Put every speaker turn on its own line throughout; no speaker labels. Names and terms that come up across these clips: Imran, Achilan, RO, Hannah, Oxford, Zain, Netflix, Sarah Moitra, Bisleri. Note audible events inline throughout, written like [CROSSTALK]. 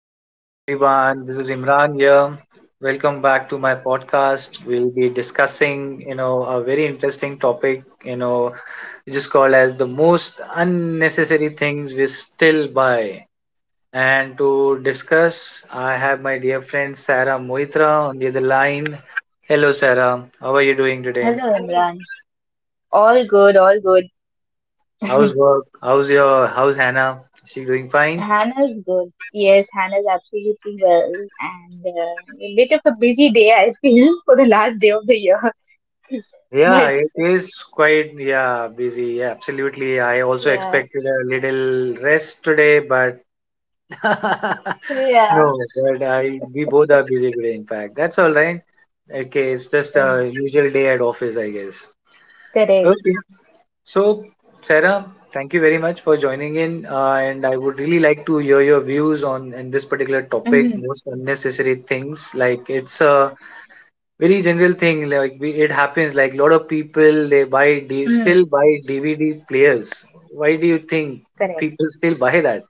Good evening, everyone. This is Imran here. Welcome back to my podcast. We'll be discussing, you know, a very interesting topic, you know, which is called as the most unnecessary things we still buy. And to discuss, I have my dear friend Sarah Moitra on the other line. Hello, Sarah. How are you doing today?
Hello, Imran. All good, all good.
How's work? How's Hannah? Is she doing fine?
Hannah's good. Yes, Hannah's absolutely well, and a bit of a busy day, I feel, [LAUGHS] for the last day of the year. [LAUGHS]
Yeah,
But
it is quite yeah busy. Yeah, absolutely. I also
yeah,
expected a little rest today, but [LAUGHS] no,
yeah,
but I we both are busy today, in fact. That's all right. Okay, it's just a
yeah,
usual day at office, I guess.
correct.
Okay. So, Sarah, thank you very much for joining in, and I would really like to hear your views on in this particular topic,
Mm-hmm.
most unnecessary things. Like it's a very general thing like we, it happens like a lot of people they
Mm,
still buy dvd players. Why do you think
correct.
people still buy that?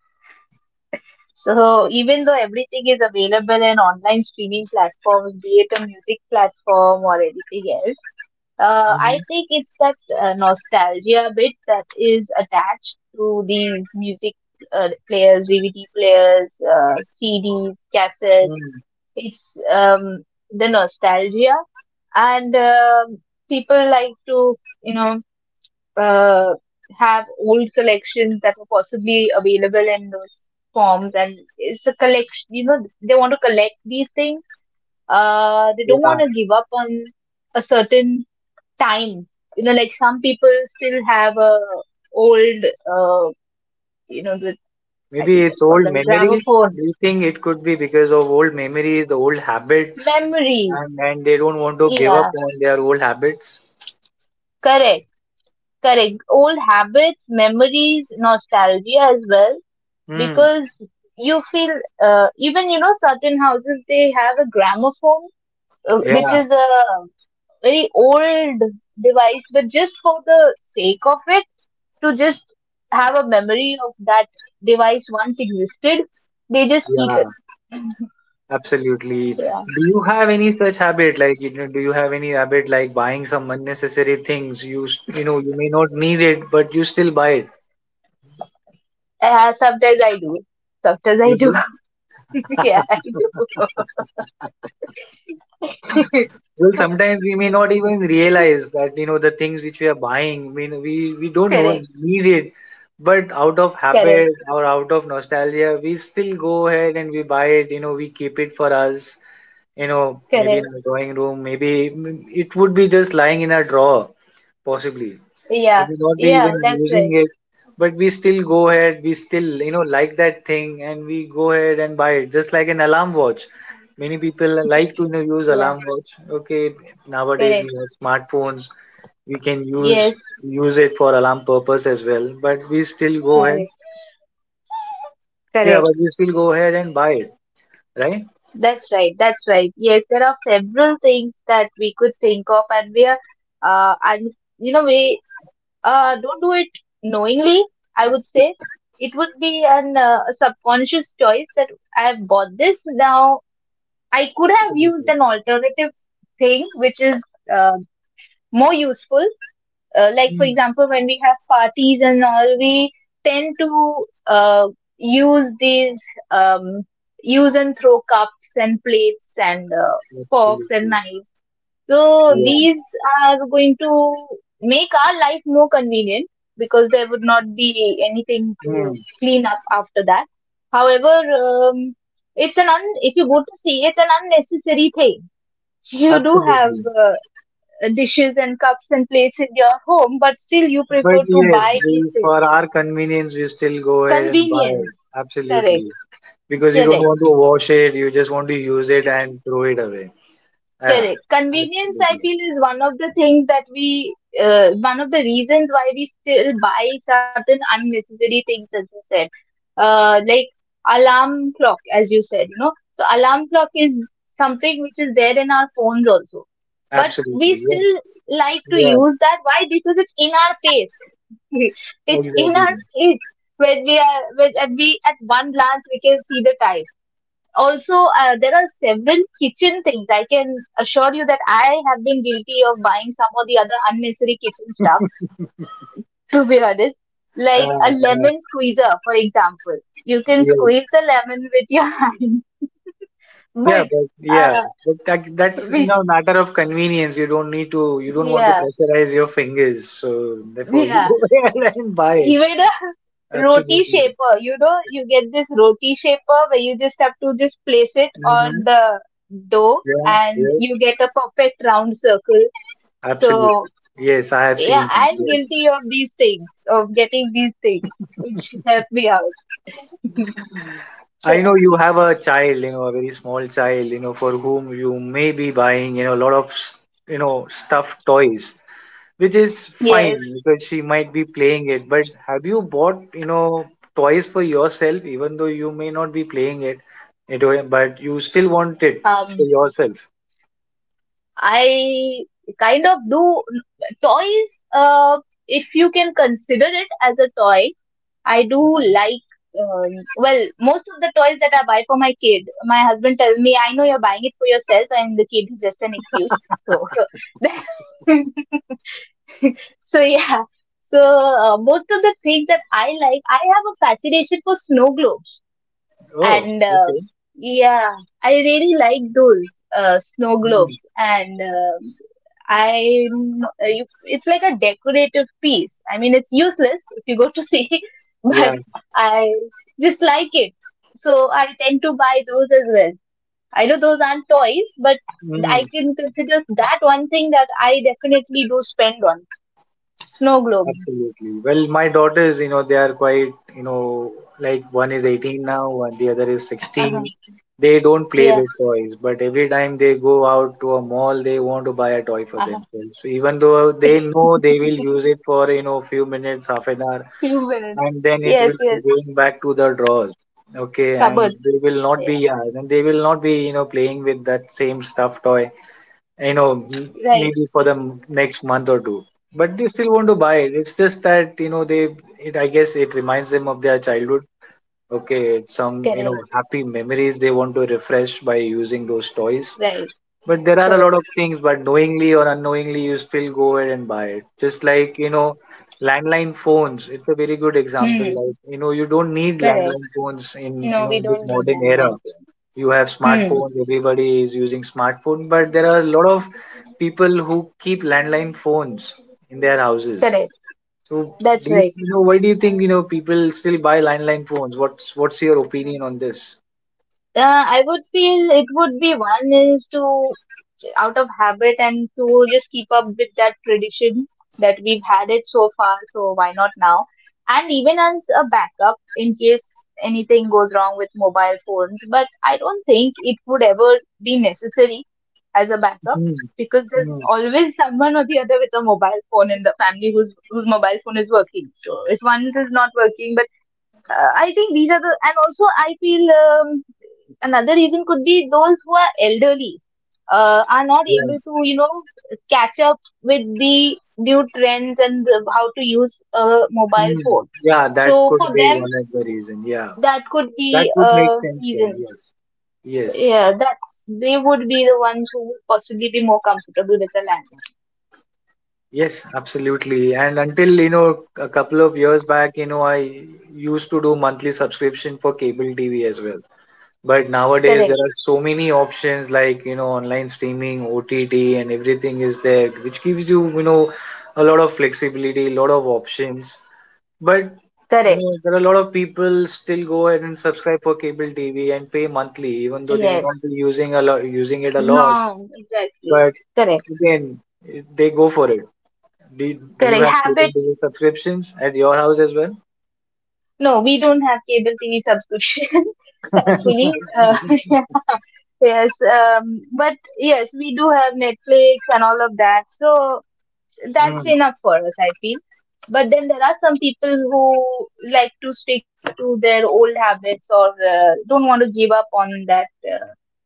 So even though everything is available in online streaming platforms, be it a music platform or anything else, I
hmm
think it's that nostalgia bit that is attached to these music players, DVD players, CDs, cassettes.
mm
It's the nostalgia, and people like to, you know, uh, have old collections that were possibly available in those forms, and it's a collection. You know, they want to collect these things. They don't want to
yeah,
give up on a certain time. You know, like some people still have a old, uh, you know, the, I
maybe
think
it's
that's called
old
a
memories.
gramophone.
Do you think it could be because of old memories, the old habits,
Memories.
and they don't want to give up
Yeah,
on their old habits?
correct, correct. Old habits, memories, nostalgia as well,
Hmm.
because you feel even certain houses they have a gramophone,
Yeah,
which is a very old device, but just for the sake of it, to just have a memory of that device once existed. They just keep it.
yeah, absolutely.
Yeah.
Do you have any such habit? Like, you know, do you have any habit like buying some unnecessary things? You know, you may not need it, but you still buy it.
Sometimes I do. Sometimes I
You
do.
do.
[LAUGHS] Yeah, I do.
Well,
[LAUGHS]
sometimes we may not even realize that, you know, the things which we are buying, we don't know,
Correct.
need it. But out of
Correct.
habit or out of nostalgia, we still go ahead and we buy it. You know, we keep it for us, you know, maybe in
Correct.
our drawing room, maybe it would be just lying in a drawer, possibly. We
Yeah.
may not be
Yeah,
even
that's
using
right.
it, but we still go ahead, we still, you know, like that thing and we go ahead and buy it, just like an alarm watch. Many people like to, you know, use
Yeah.
alarm watch. Okay, nowadays we
Correct.
have smartphones, we can
Yes.
use it for alarm purpose as well, but we still go ahead.
Correct.
Yeah,
Correct.
but we still go ahead and buy it, right?
That's right. That's right. Yes, there are several things that we could think of, and we are, and we don't do it knowingly, I would say. It would be an subconscious choice that I've bought this. Now, I could have used an alternative thing, which is uh, more useful. Like, for
Mm,
example, when we have parties and all, we tend to use these um, use and throw cups and plates and forks and
absolutely.
knives, so
Yeah.
these are going to make our life more convenient because there would not be anything
Mm,
to clean up after that. However, um, if you go to see, it's an unnecessary thing. You do have
absolutely.
uh, dishes and cups and plates in your home, but still you
But
prefer to
yes,
buy
we,
these
for
things.
our convenience we still go ahead and buy it.
Convenience,
Absolutely,
correct,
because you don't
correct.
want to wash it, you just want to use it and throw it away. Yeah,
Correct. Convenience, I
absolutely.
feel, is one of the things one of the reasons why we still buy certain unnecessary things, as you said, like alarm clock, as you said. So alarm clock is something which is there in our phones also, but we
Absolutely. Yeah,
still like to
yeah,
use that. Why? Because it's in our face. [LAUGHS] It's in
exactly.
our face. When we are when at we At one glance we can see the time. Also, there are several kitchen things. I can assure you that I have been guilty of buying some or the other unnecessary kitchen stuff, [LAUGHS] to be honest,
Uh,
like a
yeah,
lemon squeezer, for example. You can
yeah.
squeeze the lemon with your [LAUGHS] hand. But
Yeah,
uh,
but that's you
we
know matter of convenience. You don't need to. You don't want to
yeah,
pressurize your fingers, so therefore you [LAUGHS]
yeah,
go ahead and buy it.
even a [LAUGHS] roti
Absolutely.
shaper. You know you get this roti shaper where you just have to just place it on
Hmm.
the dough,
Yeah.
and you
Yeah.
get a perfect round circle. So
Absolutely. Yes, I have seen
yeah,
that.
I'm
Yes.
guilty of these things, of getting these things, which help me out. [LAUGHS]
I
Yeah.
know you have a child, you know, a very small child, you know, for whom you may be buying, you know, a lot of, s- you know, stuffed toys, which is fine
Yes.
because she might be playing it. But have you bought, you know, toys for yourself, even though you may not be playing it, but you still want it for
Um,
yourself?
I kind of do toys. If you can consider it as a toy, I do like. Well, most of the toys that I buy for my kid, my husband tells me, "I know you're buying it for yourself, and the kid is just an excuse." So [LAUGHS] that, [LAUGHS] so yeah so most of the things that I like, I have a fascination for snow globes,
Oh,
and
okay.
yeah, I really like those snow
Mm,
globes. I, it's like a decorative piece. I mean, it's useless if you go to see, [LAUGHS]
yeah.
but I just like it. So I tend to buy those as well. I know those aren't toys, but I
Mm.
can consider that one thing that I definitely do spend on. Snow globes.
Absolutely. Well, my daughters, you know, they are quite, you know, like one is 18 now, one the other is 16.
Uh-huh.
They don't play with
Yes.
toys, but every time they go out to a mall, they want to buy a toy for
Uh-huh.
themselves. So even though they know they will use it for, you know, few minutes, half an hour,
Few minutes.
and then it
Yes,
will be
yes.
going back to the drawers. Okay, and
Cupboard.
they will not be,
Yeah.
yeah, and they will not be, you know, playing with that same stuffed toy, you know,
Right.
maybe for the next month or two, but they still want to buy it. It's just that, you know, they it I guess it reminds them of their childhood. Okay, it's some, you know,
Correct.
happy memories they want to refresh by using those toys.
Right.
But there are a
Correct.
lot of things, but knowingly or unknowingly you still go ahead and buy it, just like, you know, landline phones. It's a very good example.
Hmm.
Like, you know, you don't need
Correct.
landline phones in, you
No,
know,
we
in this
don't need
modern
them
era.
right
You have
here. Hmm.
smartphones, everybody is using smartphone, but there are a lot of people who keep landline phones in their houses.
Correct.
So
That's
do you,
right.
you know, why do you think, you know, people still buy landline phones? What's your opinion on this?
I would feel it would be one is to out of habit, and to just keep up with that tradition that we've had it so far, so why not now? And even as a backup in case anything goes wrong with mobile phones, but I don't think it would ever be necessary as a backup,
Hmm,
because there's
hmm,
always [LAUGHS] someone or the other with a mobile phone in the family whose mobile phone is working. So if one's is not working, but I think, these are the and also I feel. Another reason could be those who are elderly, are not
yeah,
able to, catch up with the new trends and how to use a mobile
hmm.
phone.
Yeah, that
So
could
for
be
them,
one of the reason, yeah.
that could
That
be
would make
a
sense then,
reason.
yes. Yes,
Yeah, that's they would be the ones who would possibly be more comfortable with the landline.
yes, absolutely. And until, you know, a couple of years back, you know, I used to do monthly subscription for cable TV as well. But nowadays there
Correct,
are so many options like, you know, online streaming, OTT, and everything is there, which gives you, you know, a lot of flexibility, a lot of options. But you
correct.
know there are a lot of people still go ahead and subscribe for cable TV and pay monthly, even though they may not
Yes.
be using a lot, using it a lot.
No, exactly.
But
Correct,
again, they go for it. Do do you
correct.
have cable
Habit.
TV subscriptions at your house as well?
No, we don't have cable TV subscription, [LAUGHS] thankfully.
[LAUGHS]
[LAUGHS] Yeah. Yes, but yes, we do have Netflix and all of that. So that's
Hmm,
enough for us, I feel. But then there are some people who like to stick to their old habits, or don't want to give up on that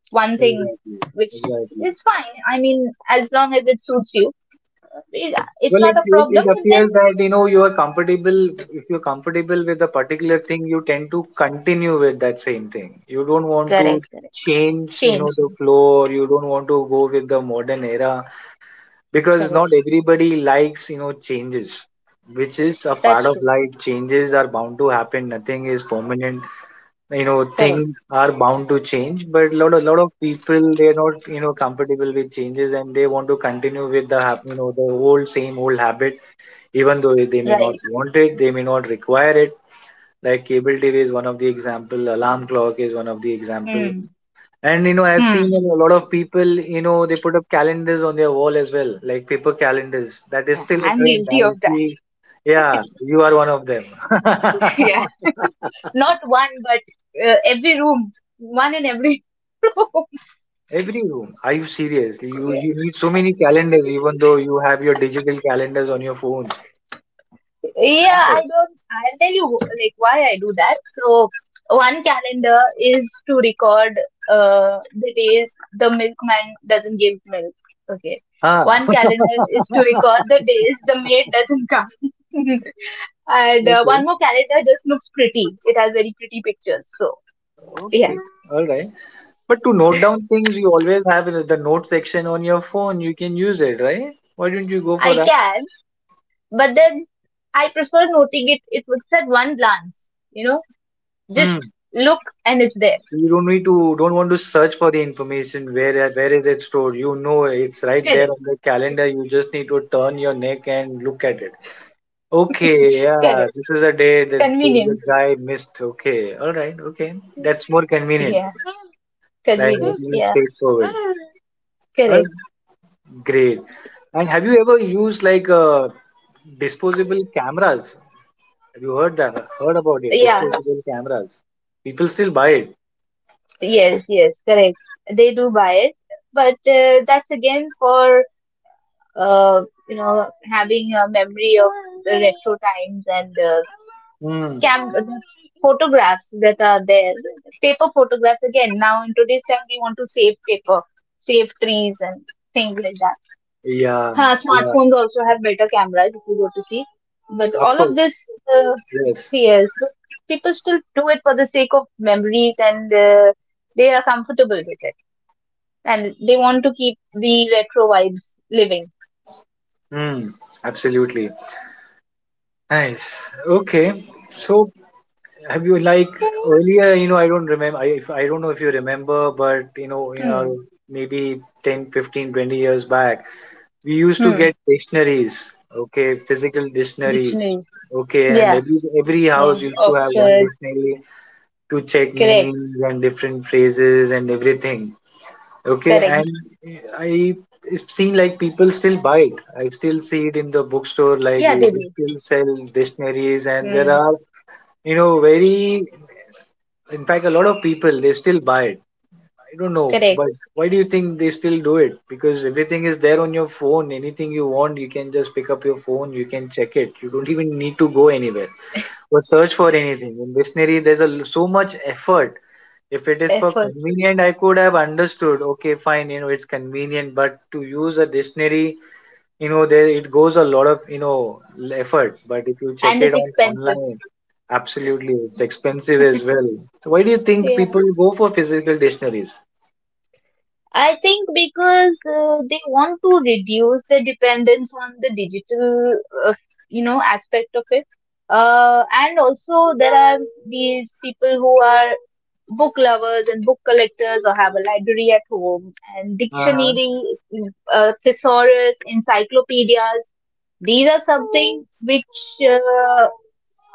one thing,
exactly,
which
exactly.
is fine. I mean, as long as it suits you, it's
Well,
not
it,
a
it,
problem.
it
But then,
appears that you know you are comfortable. If you're comfortable with a particular thing, you tend to continue with that same thing. You don't want to
correct, correct,
change, you know,
change,
the flow, or you don't want to go with the modern era, because not
correct.
everybody likes, you know, changes, which is a part
That's
of
true,
life. Changes are bound to happen. Nothing is permanent. You know,
correct.
things are bound to change, but lot of people they're not, you know, comfortable with changes and they want to continue with the you know the old same old habit, even though they may not
Right.
want it, they may not require it. Like cable tv is one of the example, alarm clock is one of the example.
Hmm.
And you know I've
Hmm.
seen a lot of people, you know, they put up calendars on their wall as well, like paper calendars. That is still a
I'm
trend
guilty
I
of that.
see. Yeah, you are one of them.
[LAUGHS] Yeah.
[LAUGHS]
Not one, but every room. One in every [LAUGHS] room.
Every room, are you serious? You
Yeah.
need so
I,
many
I'm
calendars,
seriously.
even though you have your digital calendars on your phones?
Yeah, I don't. I'll tell you like why I do that. So one calendar is to record the days the milkman doesn't give milk. Okay.
Ah.
One
[LAUGHS]
calendar is to record the days the maid doesn't come. [LAUGHS] And one
Okay,
more calendar just looks pretty. It has very pretty pictures. So yeah,
okay, all right. But to note down things, you always have in the note section on your phone. You can use it, right? Why don't you go for
I
that?
can, but then I prefer noting it. It would, at one glance,
Hmm.
just look and it's there.
You don't need to, don't want to search for the information. Where is it stored? You know it's right there
Correct,
on the calendar. You just need to turn your neck and look at it. Okay, yeah,
correct.
this is a day this the
Convenience.
guy missed. Okay, all right, okay, that's more convenient.
Yeah,
Like
convenience.
really
Yeah,
straightforward. All right,
correct.
great. And have you ever used like disposable cameras? Have you heard that? Heard about it?
Yeah,
Disposable cameras. People still buy it.
yes, yes, correct. They do buy it, but that's again for having a memory of the retro times, and
Hmm.
cam photographs that are there, paper photographs again. Now in today's time, we want to save paper, save trees and things like that.
Yeah.
Huh,
Yeah.
smartphones also have better cameras if you go to see, but
Of
all
course.
of this, uh,
Yes.
yes, but people still do it for the sake of memories, and they are comfortable with it, and they want to keep the retro vibes living.
Hmm. Absolutely. Nice. Okay. So have you like earlier? You know, I don't remember. I don't know if you remember, but you
Hmm.
know, maybe 10, 15, 20 years back, we used to
Hmm.
get dictionaries. Okay, physical dictionaries.
Dictionaries.
Okay, and
Yeah.
every
Yeah.
house used to have one
Oxford.
dictionary to check
Correct.
meanings and different phrases and everything. Okay, and
Correct.
I seen like people still buy it. I still see it in the bookstore. Like
Yeah, they
they
do.
still sell dictionaries, and there
Hmm.
are, you know, very, in fact a lot of people they still buy it. I don't know,
Correct.
but why do you think they still do it? Because everything is there on your phone. Anything you want, you can just pick up your phone. You can check it. You don't even need to go anywhere or search for anything. In dictionary, there's a so much effort. If it is for
Effort.
convenient, I could have understood. Okay, fine, you know, it's convenient, but to use a dictionary, you know, there it goes a lot of you know effort. But if you check
And
it
it's
on
expensive.
online, absolutely, it's expensive as well. So why do you think
Yeah.
people go for physical dictionaries?
I think because they want to reduce the dependence on the digital, uh, aspect of it. And also, there are these people who are book lovers and book collectors, or have a library at home, and
Uh-huh.
dictionary, thesaurus, encyclopedias. These are something which uh,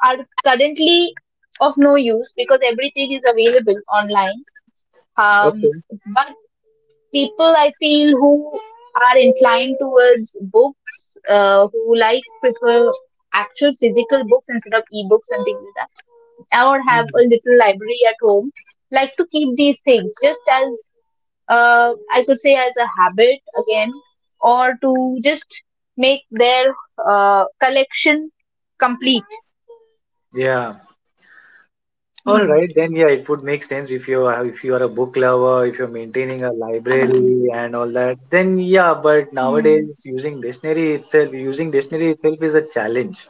are currently of no use because everything is available online. Um,
Okay.
but people, I feel, who are inclined towards books, who like prefer actual physical books instead of ebooks and things like that, or have a little library at home, like to keep these things just as, I could say, as a habit again, or to just make their collection complete.
Yeah. All
Hmm.
right, then yeah, it would make sense if you are a book lover, if you're maintaining a
Hmm.
library and all that, then yeah, but
Hmm.
nowadays using dictionary itself is a challenge.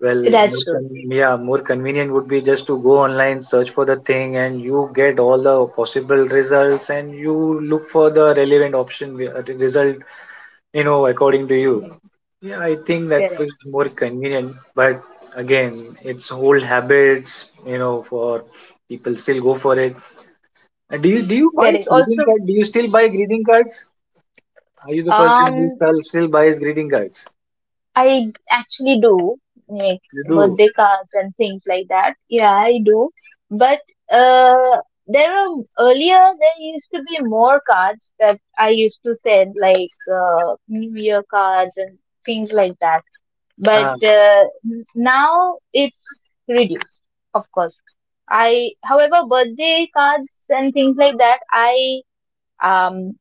Well,
That's
more
true.
con yeah, more convenient would be just to go online, search for the thing, and you get all the possible results, and you look for the relevant option, result, you know, according to you.
Correct.
Yeah, I think that
Correct.
feels more convenient, but again, it's old habits, you know, for people still go for it. And do you buy
Correct.
greeting
Also,
cards? Do you still buy greeting cards? Are you the person who
um,
still buys greeting cards?
I actually do make
You do.
birthday cards and things like that. Yeah, I do. But uh, there are earlier there used to be more cards that I used to send, like New Year cards and things like that. But
Ah,
now it's reduced, of course. I, however, birthday cards and things like that, I um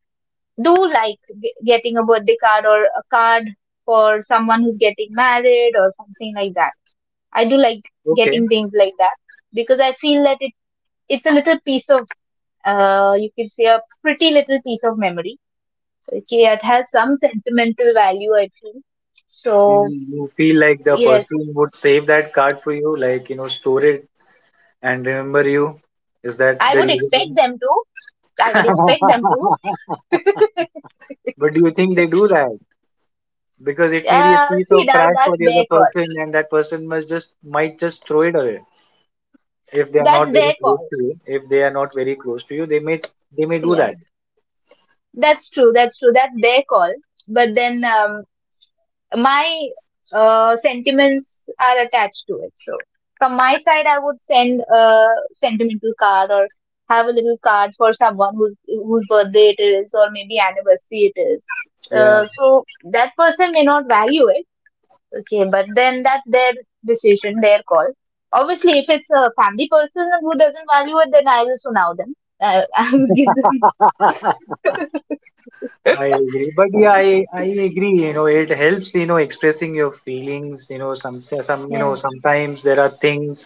do like getting a birthday card or a card for someone who's getting married or something like that. I do like
okay.
getting things like that because I feel that it's a little piece of, you can say, a pretty little piece of memory. Okay, it has some sentimental value, I feel.
So
So
you feel like the person
yes,
would save that card for you, like, you know, store it and remember you. Is that
I
the
would expect
reason?
them to. I would
[LAUGHS]
expect them to. [LAUGHS]
But do you think they do that? Because it may be a piece
See,
of
now
trash for
that's
the other
their call.
person and that person must just might just throw it away if they are
That's
not very
their
close
call.
to you, if they are not very close to you they may they may do
Yeah,
that
that's true. That's true. That's their call. But then, my sentiments are attached to it. So from my side, I would send a sentimental card, or have a little card for someone whose birthday it is, or maybe anniversary it is.
Yeah,
So that person may not value it, okay, but then that's their decision, their call. Obviously, if it's a family person who doesn't value it, then I will now them. [LAUGHS] I will give them. [LAUGHS]
I agree, but yeah, I agree, you know, it helps, you know, expressing your feelings, you know, some you
Yeah,
know sometimes there are things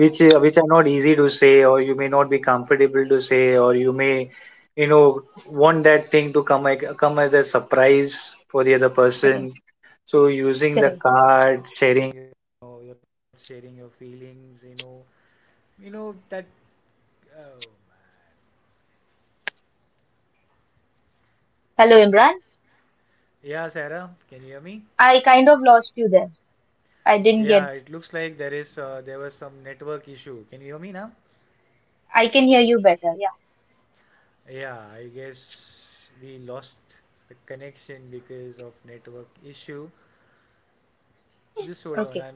which are not easy to say, or you may not be comfortable to say, or you may you know want that thing to come, like, come as a surprise for the other
correct,
person, so using the
correct.
card sharing
Hello, Imran. I kind of lost you there. I didn't get I can hear you better. Yeah. Okay.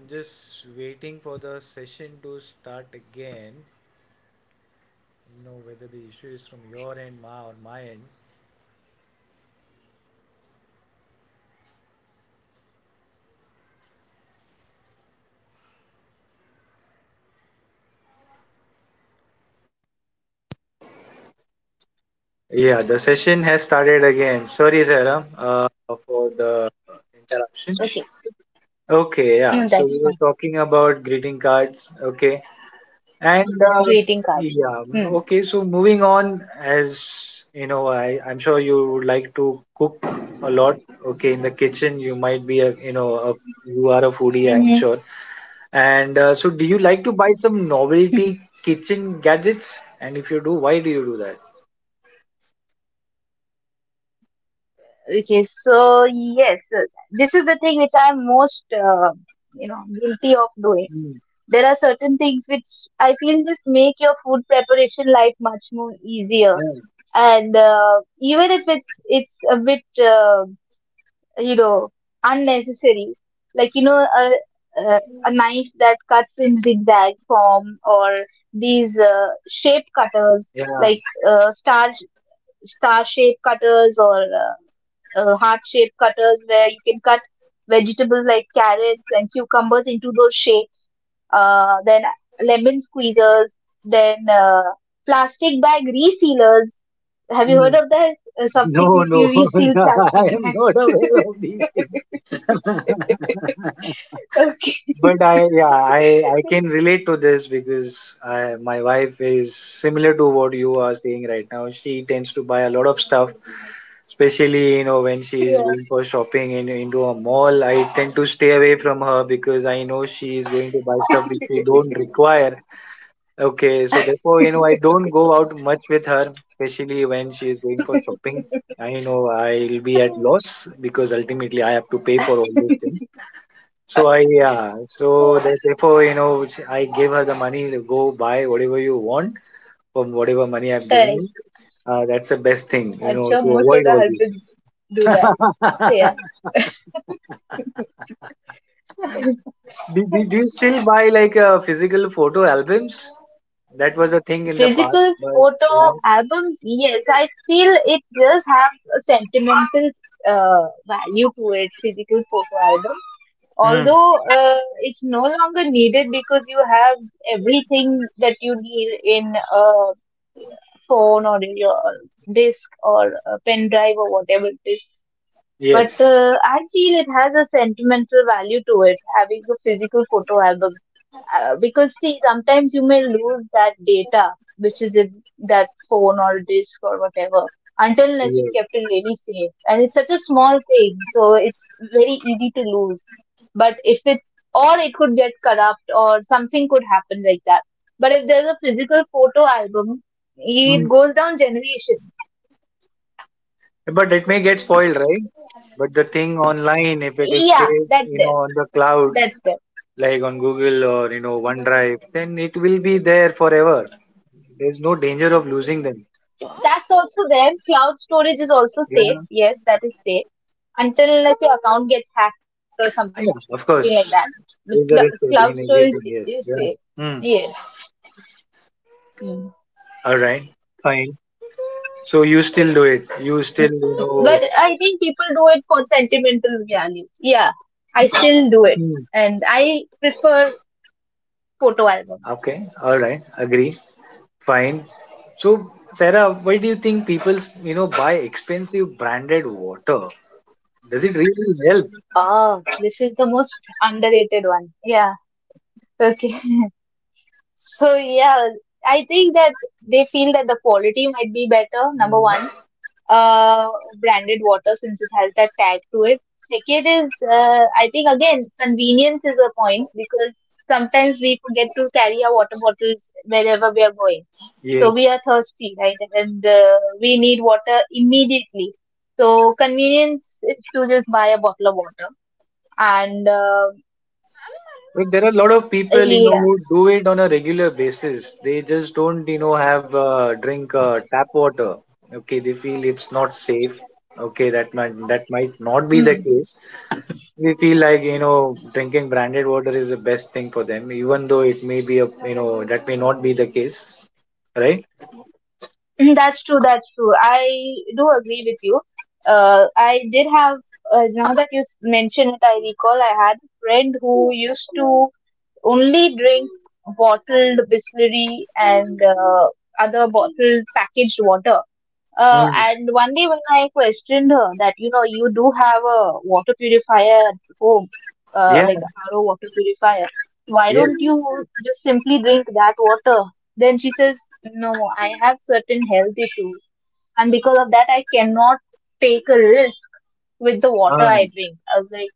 session has started again. Sorry, Sairam, for the interruption.
Okay.
Okay, yeah. So we were
No, that's
talking
fine.
about greeting cards. Okay, and
Greeting cards.
yeah,
Hmm.
okay. so moving on, as you know, I'm sure you would like to cook a lot. Okay, in the kitchen, you might be a you know a, you
Mm-hmm.
are a foodie, I'm sure. And so, do you like to buy some
[LAUGHS]
novelty kitchen gadgets? And if you do, why do you do that?
Okay. So yes, this is the thing which I am most guilty of doing.
Mm,
There are certain things which I feel just make your food preparation life much more easier.
uh,
And even if it's a bit you know unnecessary, like a, a knife that cuts in zigzag form, or these shape
yeah.
cutters like uh, star star shape cutters, or heart shape cutters where you can cut vegetables like carrots and cucumbers into those shapes. Then lemon squeezers, then plastic bag resealers. Have you
Hmm.
heard of that?
No,
Something that
no,
you [LAUGHS]
[LAUGHS]
reseal plastic
I am
bags.
not aware of these things. [LAUGHS]
Okay,
But I, yeah, I can relate to this because I, my wife is similar to what you are saying right now. She tends to buy a lot of stuff, especially you know when she
[LAUGHS]
is
yeah.
going for shopping in, into a mall. I tend to stay away from her because I know she is going to buy stuff which we don't require. Okay, so therefore, you know, I don't go out much with her, especially when she is going for shopping. I know I'll be at loss because ultimately I have to pay for all those things. So I, yeah, so therefore, you know, which I gave her the money to go buy whatever you want from whatever money I've given you.
Right.
That's the best thing, you
I'm
know,
sure
to
most of
avoid
the
all these things.
husbands do that. Yeah. [LAUGHS]
Do you still buy like physical photo albums? That was a thing in the past,
Physical
but
photo albums, yes, I feel it does have a sentimental value to it, physical photo album.
yeah. Hmm.
Although it's no longer needed because you have everything that you need in a phone or in your disk or a pen drive or whatever it is. But
Yes.
I feel it has a sentimental value to it, having a physical photo album. Because see, sometimes you may lose that data, which is in that phone or disk or whatever, until unless you
Yes.
kept it really safe. And it's such a small thing, so it's very easy to lose. But if it's, or it could get corrupt or something could happen like that. But if there's a physical photo album, it
Hmm.
goes down generations.
But it may get spoiled, right? But the thing online, if it is
Yeah,
saved,
that's
you
there.
know, on the cloud,
That's there.
like on Google or, you know, OneDrive, then it will be there forever. There's no danger of losing them.
That's also there. Cloud storage is also
Yeah.
safe. Yes, that is safe until unless your account gets
Ah,
hacked
yeah,
or
of
something like
course.
that. But
There's a risk of
cloud
in
storage
everything, yes.
is
Yeah.
safe.
Hmm.
Yes. Mm.
All right. Fine. So you still do it. You still, you know.
But I think people do it for sentimental value. Yeah, I still do it,
Hmm.
and I prefer photo albums.
Okay. All right. Agree. Fine. So, Sarah, why do you think people, you know, buy expensive branded water? Does it really help?
Ah, this is the most underrated one. Yeah. Okay. [LAUGHS] So yeah, I think that they feel that the quality might be better. Number one, uh, branded water since it has that tag to it. Second is, I think again, convenience is a point because sometimes we forget to carry our water bottles wherever we are going. So we
Yes.
are thirsty, right? And we need water immediately. So convenience is to just buy a bottle of water. And
But there are a lot of people, you know,
yeah,
who do it on a regular basis. They just don't, you know, have drink tap water. Okay, they feel it's not safe. Okay, that might not be the
hmm.
case. They feel like you know drinking branded water is the best thing for them, even though it may be a you know that may not be the case, right?
Mm, that's true. That's true. I do agree with you. I did have, now that you mention it, I recall I had a friend who used to only drink bottled Bisleri and other bottled packaged water.
Mm.
And one day when I questioned her that, you know, you do have a water purifier at home,
Yeah.
like a RO water purifier. Why
Yes.
don't you just simply drink that water? Then she says, no, I have certain health issues. And because of that, I cannot take a risk with the water I
Uh,
drink. I was like,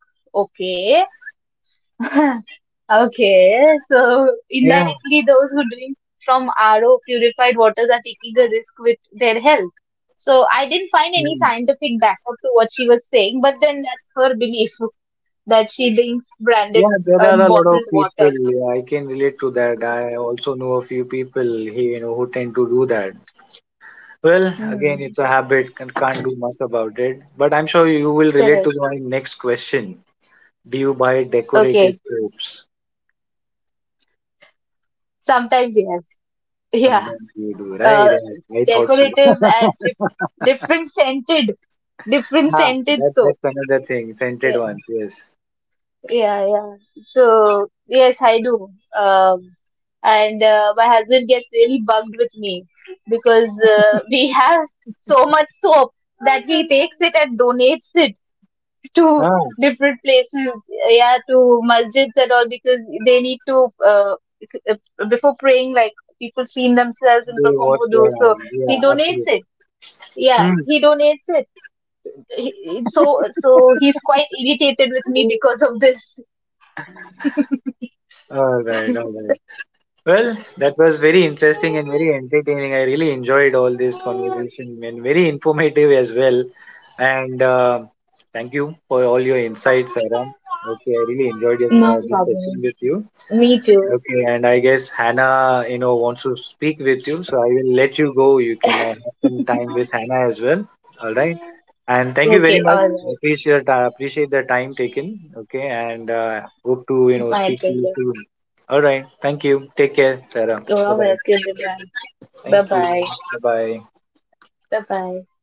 okay. [LAUGHS] Okay, so
yeah.
indirectly, those who drink from RO purified waters are taking a risk with their health. So I didn't find any
Hmm.
scientific backup to what she was saying, but then that's her belief [LAUGHS] that she drinks branded
Yeah, there are
and
a lot of
bottled
people.
water.
Yeah, I can relate to that. I also know a few people here, you know, who tend to do that. Well, again,
Hmm,
it's a habit, can't do much about it. But I'm sure you will relate to
correct.
my next question. Do you buy decorative
Okay,
soaps?
sometimes yes. [LAUGHS] Yeah,
Sometimes you do, right?
uh,
I thought so.
decorative and different
Ah,
scented soap.
that's another thing. Scented ones, yes.
Yeah, yeah. So, yes, I do. Um, and my husband gets really bugged with me because we have so much soap that he takes it and donates it to
Ah,
different places. Yeah, to masjids and all because they need to, before praying, like people clean themselves and
they
perform
wash
wudu.
their
So,
hands.
he
Yeah,
donates
absolutely.
it. Yeah,
Hmm.
he donates it. So, so he's quite irritated with me because of this.
All right, all right. Well, that was very interesting and very entertaining. I really enjoyed all this conversation and very informative as well. And thank you for all your insights, Aram. Okay, I really enjoyed
No
this session with
problem.
you.
Me too.
Okay, and I guess Hannah, you know, wants to speak with you, so I will let you go. You can have some time with Hannah as well. All right. And thank you very
Okay,
much.
all right.
Appreciate appreciate the time taken. Okay, and hope to you know speak
My
to you
pleasure.
soon. All right. Thank you. Take care, Sarah. Bye
You're
bye.
welcome, Imran.
Thank
Bye
you.
bye.
Bye bye.
Bye bye.